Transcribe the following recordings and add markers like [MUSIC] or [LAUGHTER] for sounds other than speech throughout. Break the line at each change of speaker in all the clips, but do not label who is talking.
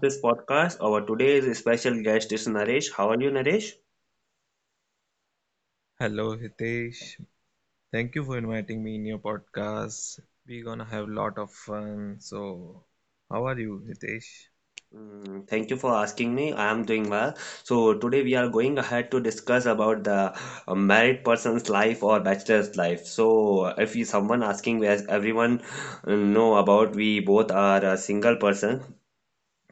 this podcast. Our today's special guest is Naresh. How are you, Naresh?
Hello Hitesh, thank you for inviting me in your podcast. We're gonna have a lot of fun. So, how are you, Hitesh?
Thank you for asking me. I am doing well. So today we are going ahead to discuss about the married person's life or bachelor's life. So if you someone asking, as everyone know about, we both are a single person.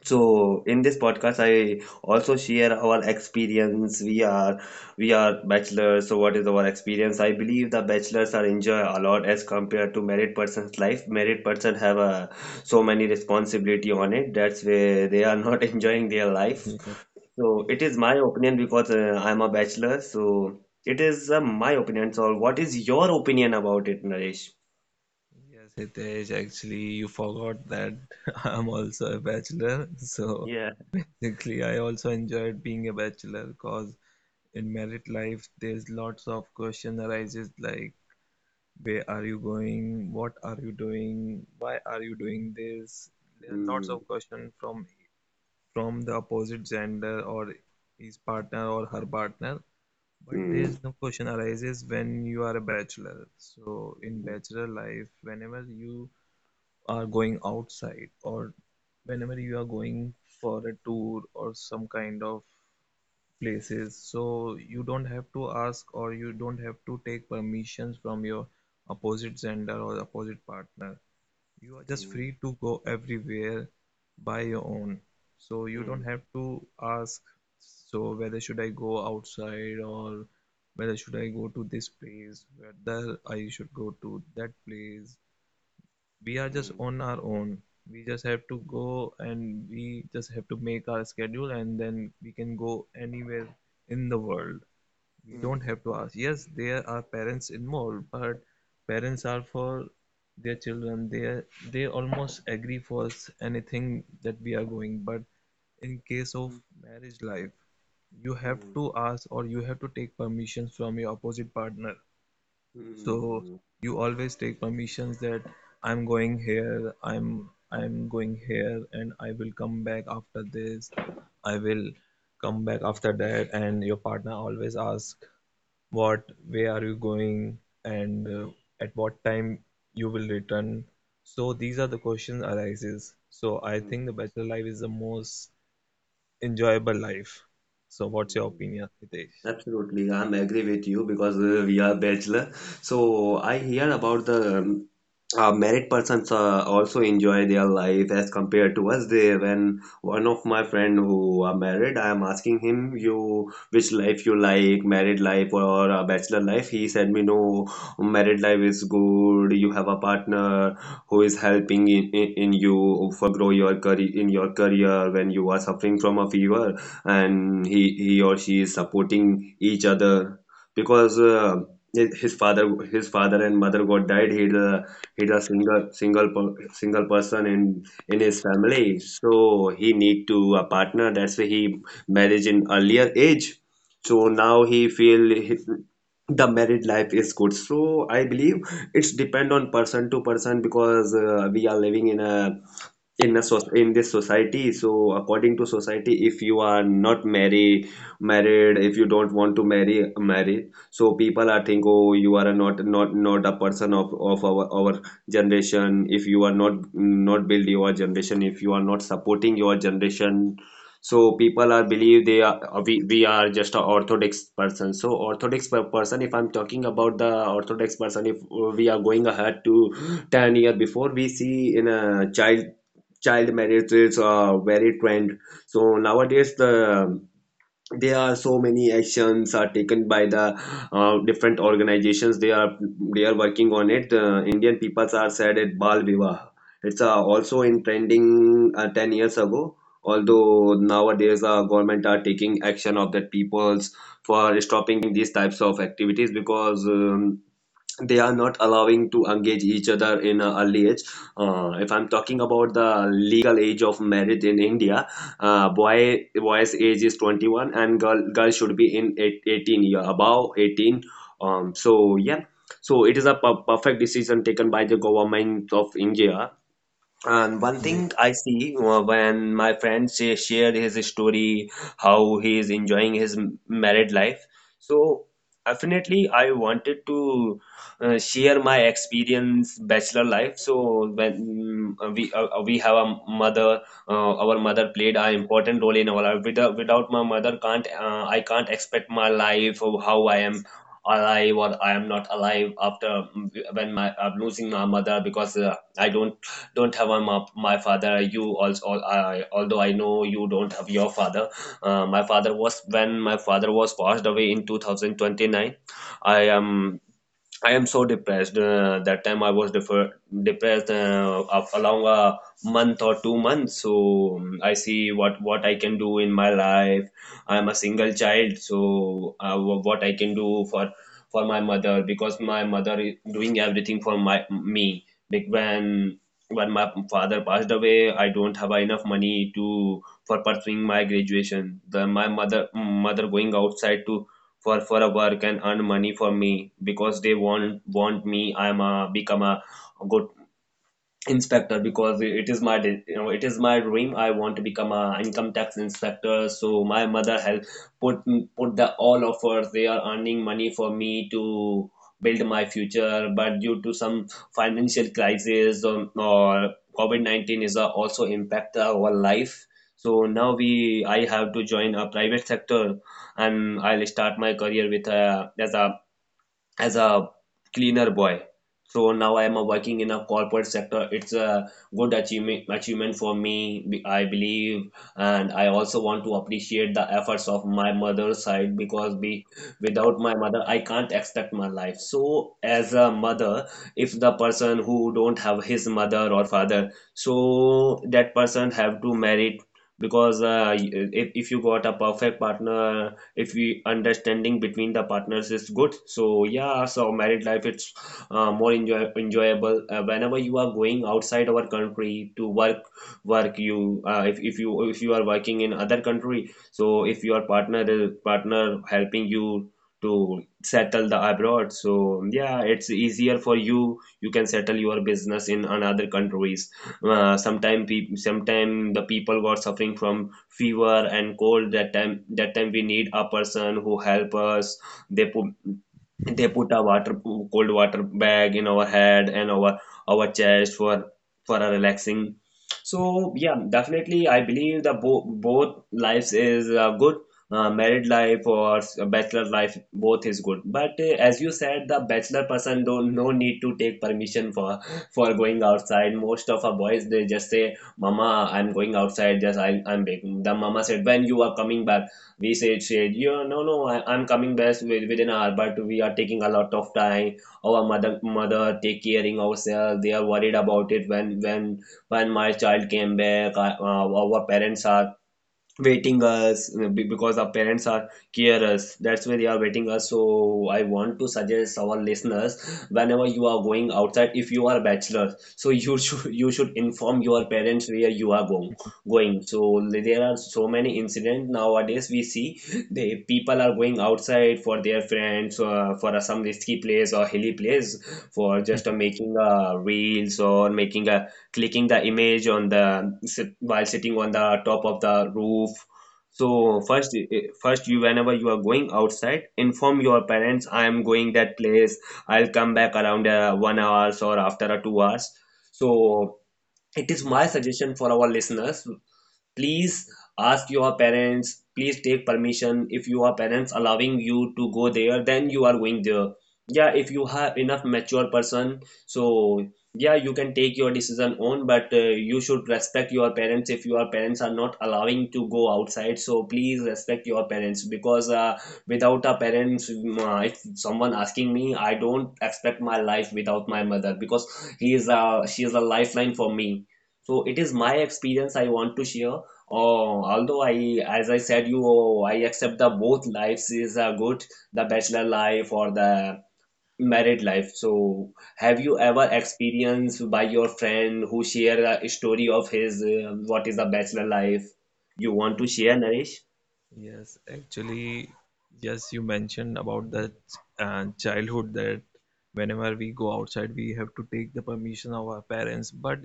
So in this podcast, I also share our experience. We are bachelors, so what is our experience? I believe the bachelors are enjoy a lot as compared to married person's life. Married person have a so many responsibility on it. That's where they are not [LAUGHS] enjoying their life.
Yes,
So it
yes,
is my opinion because I'm a bachelor. So it is my opinion. So what is your opinion about it, Naresh?
yes, Hitesh. Actually, you forgot that [LAUGHS] I'm also a bachelor. So,
Yeah.
basically, I also enjoyed being a bachelor because in married life, there's lots of question arises like, where are you going? What are you doing? Why are you doing this? There are lots
Mm,
of questions from the opposite gender or his partner or her partner, but
mm,
there's no question arises when you are a bachelor. So in
mm,
bachelor life, whenever you are going outside or whenever you are going for a tour or some kind of places, so you don't have to ask or you don't have to take permissions from your opposite gender or opposite partner. You are just
mm,
free to go everywhere by your own. So you don't
mm,
have to ask, so whether should I go outside or whether should I go to this place, whether I should go to that place. We are just
mm,
on our own. We just have to
mm,
go and we just have to make our schedule and then we can go anywhere in the world. We don't
mm.
have to ask. Yes, there are parents involved, but parents are for their children. They almost agree for us anything that we are going. But in case of marriage life, you have
Mhm,
to ask or you have to take permissions from your opposite partner. So
mhm,
you always take permissions that I'm going here, I'm going here, and I will come back after this. I will come back after that, and your partner always asks what where are you going and at what time you will return. So these are the questions arises. So I
mhm.
think the bachelor life is the most enjoyable life. So what's your
Mhm.
opinion, Hitesh?
Absolutely, I'm agree with you because we are bachelor. So I hear about the married persons also enjoy their life as compared to us they when one of my friend who are married I am asking him you which life you like married life or a bachelor life he said me no married life is good you have a partner who is helping in you for grow your career in your career when you are suffering from a fever and he or she is supporting each other because his his father his father and mother got died he he's a single person in his family so he need to a partner that's why he marriage in earlier age so now he feel the married life is good so I believe it's depend on person to person because we are living in this society so according to society if you are not marry married if you don't want to marry so people are think oh you are a not a person of our generation if you are not build your generation if you are not supporting your generation so people are believe they are we are just a orthodox person so person if I'm talking about the orthodox person if we are going ahead to 10 year before we see in a child marriage is a very trend so nowadays there are so many actions are taken by the different organizations they are working on it Indian people are said at bal vivah it's also in trending 10 years ago although nowadays government are taking action of the peoples for stopping these types of activities because they are not allowing to engage each other in an early age. If I'm talking about the legal age of marriage in India, boy's age is 21 and girl should be in 18-year above 18. So yeah, so it is a perfect decision taken by the government of India and one
Yes,
thing I see when my friend sh shared his story, how he is enjoying his married life. So definitely, I wanted to share my experience bachelor life. So when we have a mother, our mother played an important role in our life. Without my mother, can't I can't expect my life or how I
yes,
am alive or I am not alive after mm, when my I'm losing my mother
mm,
because I don't have my my father you also although I know you don't have your father my father was when my father was passed away in 2029 i am I am so depressed. That time I was depressed of along a month or 2 months. So I see what I can do in my life. I am a single child, so what I can do for my mother because my mother is doing everything for my me. Like when my father passed away, I don't have enough money to for pursuing my graduation. The my mother going outside to for a work and earn money for me because they want me I'm a become a good inspector because it is my it is my dream I want to become a income tax inspector so my mother has put put the all of her they are earning money for me to build my future but due to some
mm,
financial crisis or COVID-19 is a also impact our life so now we I have to join a private sector and I'll start my career with a as a as a cleaner boy. So now I am working in a corporate sector. It's a good achievement for me, I believe, and I also want to appreciate the efforts of my mother's side because without my mother, I can't expect my life. So as a mother, if the person who don't have his mother or father, so that person have to marry because if you got a perfect partner if we understanding between the partners is good so yeah so married life it's more enjoyable whenever you are going outside our country to work you if you are working in other country so if your partner is partner helping you to settle the abroad so yeah it's easier for you can settle your business in another countries sometime the people were suffering from fever and cold that time we need a person who help us they put they put a water cold water bag in our head and our chest for a relaxing so yeah definitely I believe that both lives is good married life or bachelor life both is good but as you said the bachelor person don't no need to take permission for
yes,
going outside most of our boys they just say mama I'm going outside just I'm baking the mama said when you are coming back we said yeah, no, no, I'm coming back within an hour but we are taking a lot of time our mother take caring ourselves they are worried about it when my child came back our parents are waiting us because our parents are carers that's why they are waiting us so I want to suggest our listeners whenever you are going outside if you are a bachelor so you [LAUGHS] should inform your parents where you are going so
yes,
there are so many incidents nowadays we see the people are going outside for their friends for some risky place or hilly place for just making reels or making a clicking the image on the while sitting on the top of the roof so
yes,
first you whenever you are going outside inform your parents I am going that place I'll come back around 1 hours or after a 2 hours so it is
yes,
my suggestion for our listeners. Please
yes,
ask your parents. Please take permission. If your parents allowing you to go there, then you are going there. Yeah, if you
mm,
have enough mature person, so yeah, you can take your decision on, but you should respect your parents. If your parents are not allowing to go outside, so please respect your parents because without a parents, if someone asking me, I don't expect my life without my mother because he is a she is a lifeline for me. So it is my experience I want to share. Oh, although as I said, I accept the both lives is a good, the bachelor life or the married life. So, have you ever experienced by your friend who share a story of his what is the bachelor life? You
yes,
want to
yes,
share, Naresh?
yes, yes. Actually, yes, you mentioned about that childhood that whenever we go outside, we have to take the permission of our parents. But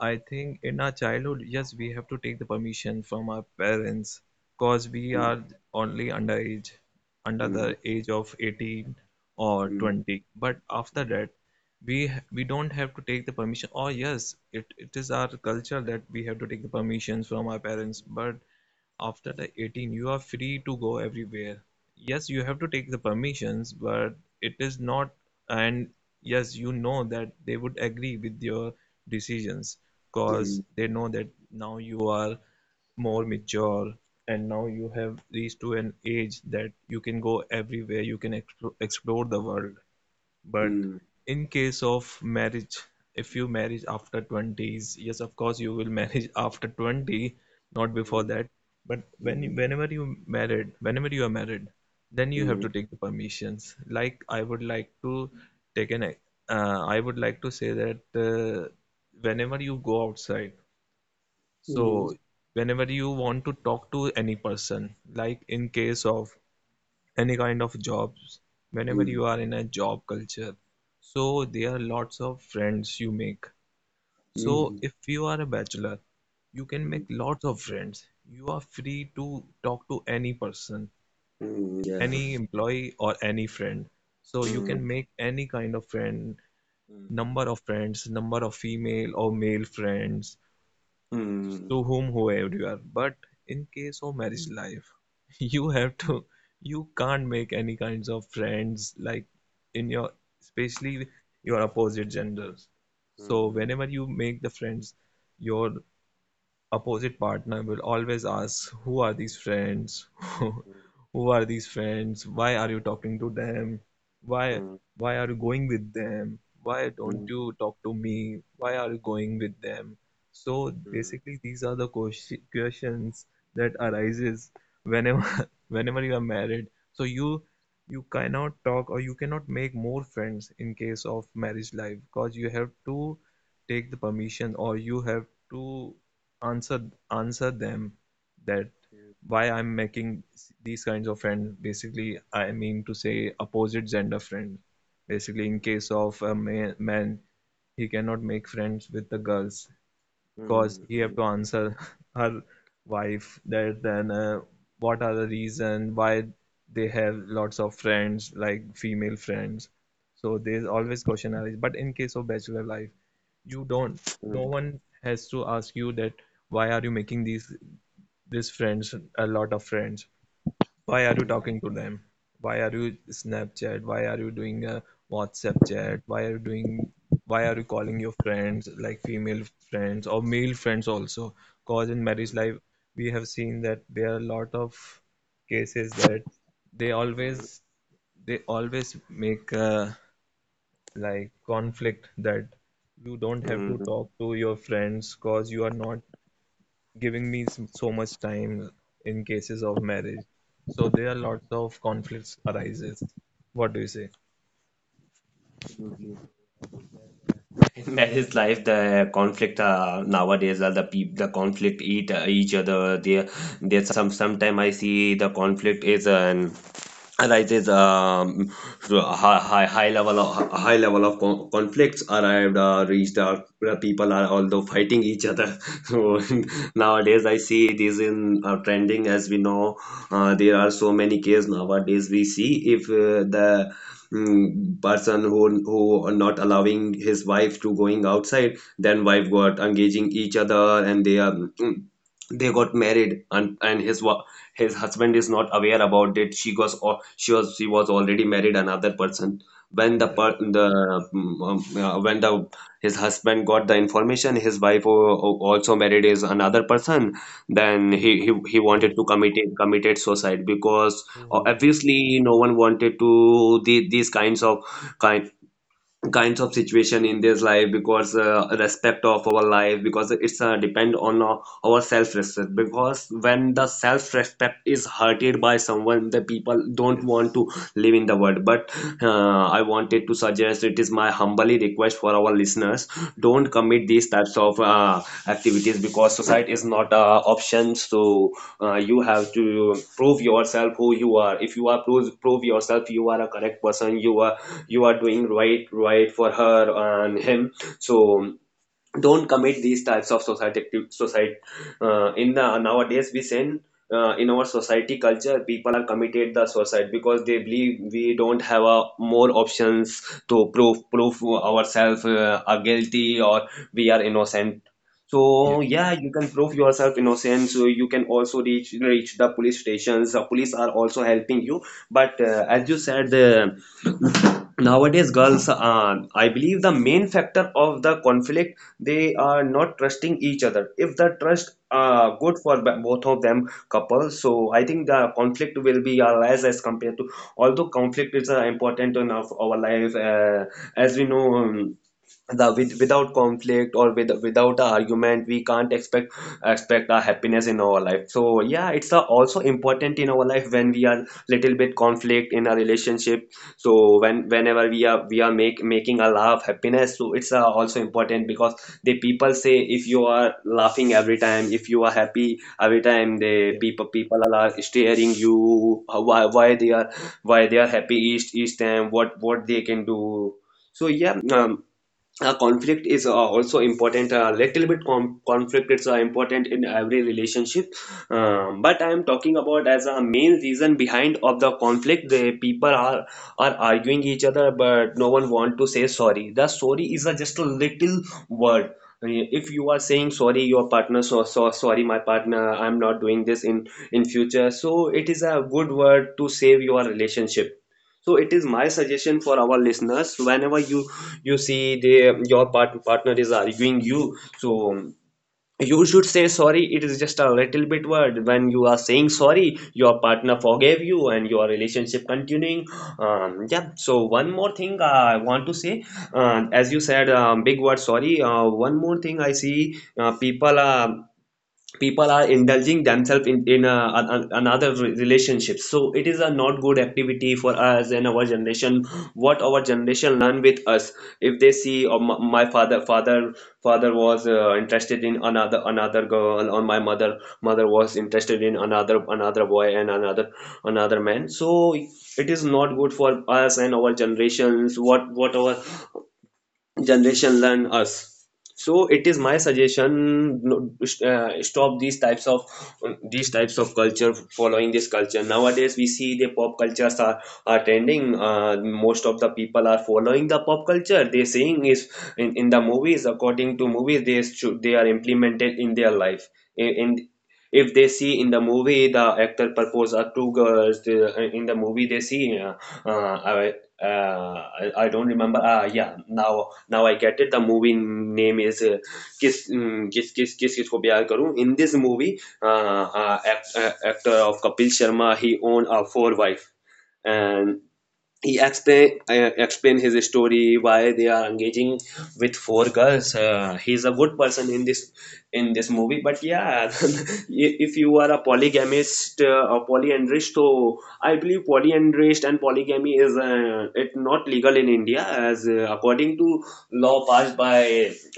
I think in our childhood, yes, we have to take the permission from our parents because we are only underage, under
Mm,
the age of 18 or
mm,
20. But after that, we don't have to take the permission. Or yes, it is our culture that we have to take the permissions from our parents. But after the 18, you are free to go everywhere. Yes, you have to take the permissions, but it is not, and yes, you know that they would agree with your decisions because
mm,
they know that now you are more mature and now you have reached to an age that you can go everywhere, you can explore the world. But
mm,
in case of marriage, if you marriage after 20s, yes, of course you will marriage [LAUGHS] after 20, not before that. But
mm,
whenever whenever you are married, then
mm,
you have
mm,
to take the permissions. Like I would like to take an, uh, say that whenever you go outside,
mm, mm,
so whenever you want to talk to any person, like in case of any kind of jobs, whenever you are in a job culture, so there are lots of friends you make. So
mm,
if you are a bachelor, you can make
mm,
lots of friends. You are free to talk to any person,
mm, Yeah.
any employee or any friend, so you
Mm,
can make any kind of friend,
Mm,
number of friends, number of female or male friends, just to whom whoever you are. But in case of marriage life, [LAUGHS] you have to you can't make any kinds of friends, like in your especially your opposite genders.
mm,
So
mm,
whenever you make the friends, your opposite partner will always ask, who are these friends, [LAUGHS] who are these friends, why are you talking to them, why
mm,
why are you going with them, why don't
mm,
you talk to me, why are you going
mm,
with them? So
mm,
basically, these are the questions that arises whenever [LAUGHS] whenever you are married. So you cannot talk or you cannot make more friends in case of marriage life, because you have to take the permission or you have to answer answer them that
mm.
why I'm making these kinds of friends. Basically, I mean to say opposite gender friend. Basically, in
That
case of a man, he cannot make friends with the girls, cause he have to answer [LAUGHS] her wife that then what are the reason why they have lots of friends, like female friends. So there's always question arise. But in case of bachelor life, you don't no one has to ask you that why are you making these friends, a lot of friends, why are you talking to them? Why are you Snapchat? Why are you doing a WhatsApp chat? Why are you doing? Why are you calling your friends, like female friends or male friends also? Cause in marriage life, we have seen that there are a lot of cases that they always they always make like conflict, that you don't have to talk to your friends, cause you are not giving me so much time in cases of marriage. So there are lots of conflicts arises. What do you say?
is life. The conflict nowadays are the peop the conflict eat each other. There sometime I see the conflict is an and arises through a high level of conflicts, arrived
Yes,
reached out where people are although fighting each other [LAUGHS] so
yes, yes,
nowadays I see it is in trending. As we know, there are so many cases nowadays we see if the person who are not allowing his wife to going outside, then wife got engaging each other and they are they got married, and his husband is not aware about it. She was, or she was, she was already married another person. When the
yes,
per, the when the his husband got the information his wife also married is another person, then he he,
yes.
he
Oh,
wanted to committed suicide because
oh, oh, oh.
obviously no one wanted to the, these kind kinds of situation in this life, because respect of our life, because it's depend on our self respect. Because when the self respect is hurted by someone, the people don't want
Yes,
to live in the world. But I wanted to suggest, it is my humbly request for our listeners, don't
yes,
commit these types of activities because society is not a option. So you have to prove yourself who you are. If you are prove yourself you are a correct person, you are doing right for her and him. So don't commit these types of society in the nowadays we send in our society culture. People are committed the suicide because they believe we don't have a more options to prove ourselves are guilty or we are innocent.
yes,
So yeah, you can prove yourself innocent, so you can also reach the police stations. The police are also helping you. But as you said, the nowadays girls, I believe the main factor of the conflict, they are not trusting each other. If the trust
yes,
good for both of them couples, so I think the conflict will be less. As compared to, although conflict is important in of our life, as we know, the without conflict or without a argument, we can't expect a happiness in our life. So yeah, it's also important in our life when we are little bit conflict in a relationship. So whenever we are make making a laugh happiness, so it's also important. Because the people say if you are laughing every time, if you are happy every time, the
yes.
people are staring you, why they are, why they are happy each time, what they can do. So yeah, conflict is also important. A little bit conflict is important in every relationship. But I am talking about as a main reason behind of the conflict, the people are arguing each other but no one want to say sorry. The sorry is a, just a little word. If you are saying sorry your partner, so, so sorry my partner, I'm not doing this in future, so it is a good word to save your relationship. So it is my suggestion for our listeners, whenever you see they your partner is arguing you, so you should say sorry. It is just a little bit word. When you are saying sorry your partner, forgave you and your relationship continuing. Yeah, so one more thing I want to say, as you said, big word sorry. One more thing I see, people are indulging themselves in another relationship. So it is a not good activity for us and our generation. What our generation learn with us if they see, oh, my father father was interested in another girl, or my mother was interested in another boy and another man, so it is not good for us and our generations. What our generation learn us. So it is my suggestion, no, stop these types of culture. Following this culture nowadays, we see the pop cultures are trending. Most of the people are following the pop culture. They saying is in the movies. According to movies, they are implemented in their life. In if they see in the movie, the actor propose are two girls. In the movie they see, uh, I, I don't remember. Ah, yeah. Now I get it. The movie name is kiss mm, kiss kiss kiss Kisko Pyar Karu. In this movie, actor of Kapil Sharma, he owned a four wife and he explain his story why they are engaging with four girls. He's a good person in this movie, but yeah. [LAUGHS] If you are a polygamist or polyandrist, so I believe polyandrist and polygamy is it not legal in India as according to law passed by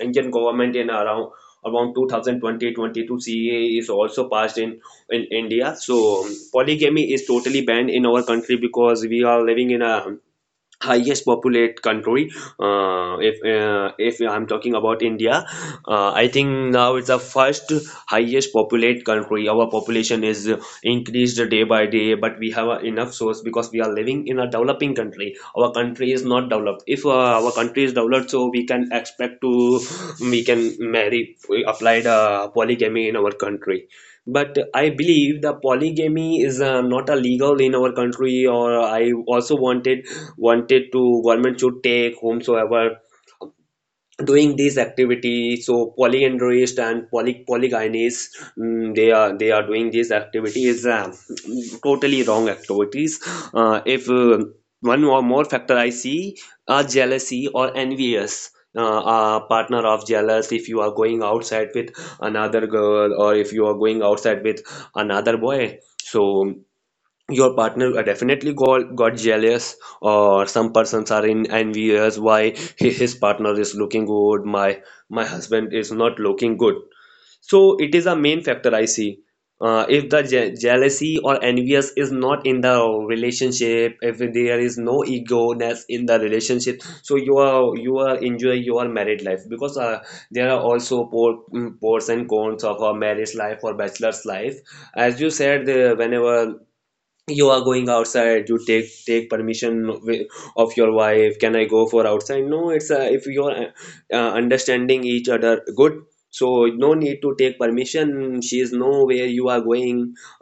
Indian government in around 2020-22. CA is also passed in India. So polygamy is totally banned in our country because we are living in a highest populate country. If if I'm talking about India, I think now it's the first highest populate country. Our population is increased day by day, but we have enough source because we are living in a developing country. Our country is not developed. If our country is developed, so we can expect to we can marry applied polygamy in our country. But I believe the polygamy is not a legal in our country. Or I also wanted to government should take whomsoever doing this activity. So polyandrist and polygynist, mm, they are doing these activities, totally wrong activities. If one or more factor I see are jealousy or envious, partner of jealous. If you are going outside with another girl, or if you are going outside with another boy, so your partner definitely got jealous. Or some persons are in envious, why his partner is looking good, my husband is not looking good. So it is a main factor I see if the jealousy or envious is not in the relationship, if there is no ego-ness in the relationship, so you are enjoy your married life. Because there are also pros and cons of a marriage life or bachelor's life. As you said, the, whenever you are going outside, you take permission of your wife, can I go for outside, no. It's if you are understanding each other good, so no need to take permission. She is know where you are going,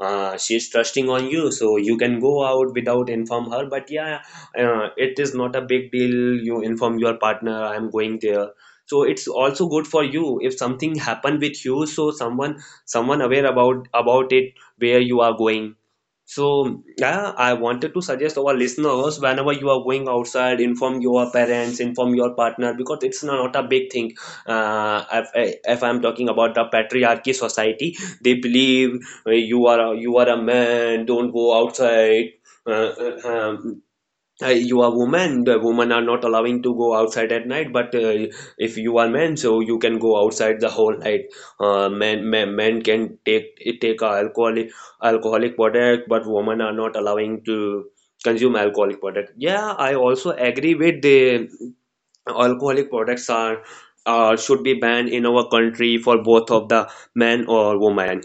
she is trusting on you, so you can go out without inform her. But yeah, it is not a big deal, you inform your partner, I am going there, so it's also good for you. If something happen with you, so someone aware about it where you are going. So yeah, I wanted to suggest our listeners, whenever you are going outside, inform your parents, inform your partner, because it's not a big thing. If I'm talking about the patriarchy society, they believe you are a man, don't go outside. Uh, uh, um, you are woman, the women are not allowing to go outside at night. But if you are men, so you can go outside the whole night. Men can take alcoholic product, but women are not allowing to consume alcoholic product. Yeah, I also agree with the alcoholic products are should be banned in our country for both of the men or women.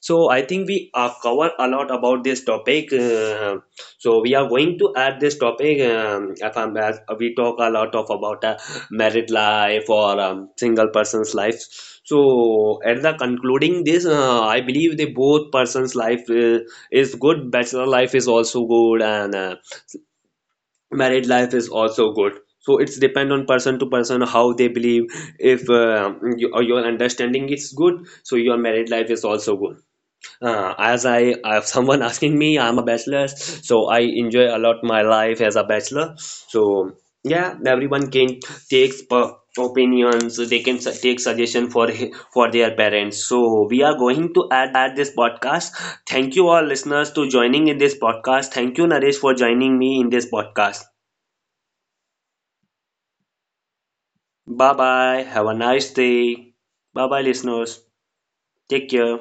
So I think we cover a lot about this topic. So we are going to add this topic. If I'm, as we talk a lot of about married life or single person's life. So at the concluding this, I believe the both person's life is good. Bachelor life is also good, and married life is also good. So it's depend on person to person how they believe. If you, your understanding is good, so your married life is also good as I, [LAUGHS] someone asking me, I'm a bachelor, so I enjoy a lot my life as a bachelor. So yeah, everyone can take opinions, they can take suggestion for for their parents. So we are going to add this podcast. Thank you all listeners to joining in this podcast. Thank you Naresh for joining me in this podcast. Bye bye. Have a nice day. Bye bye listeners. Take care.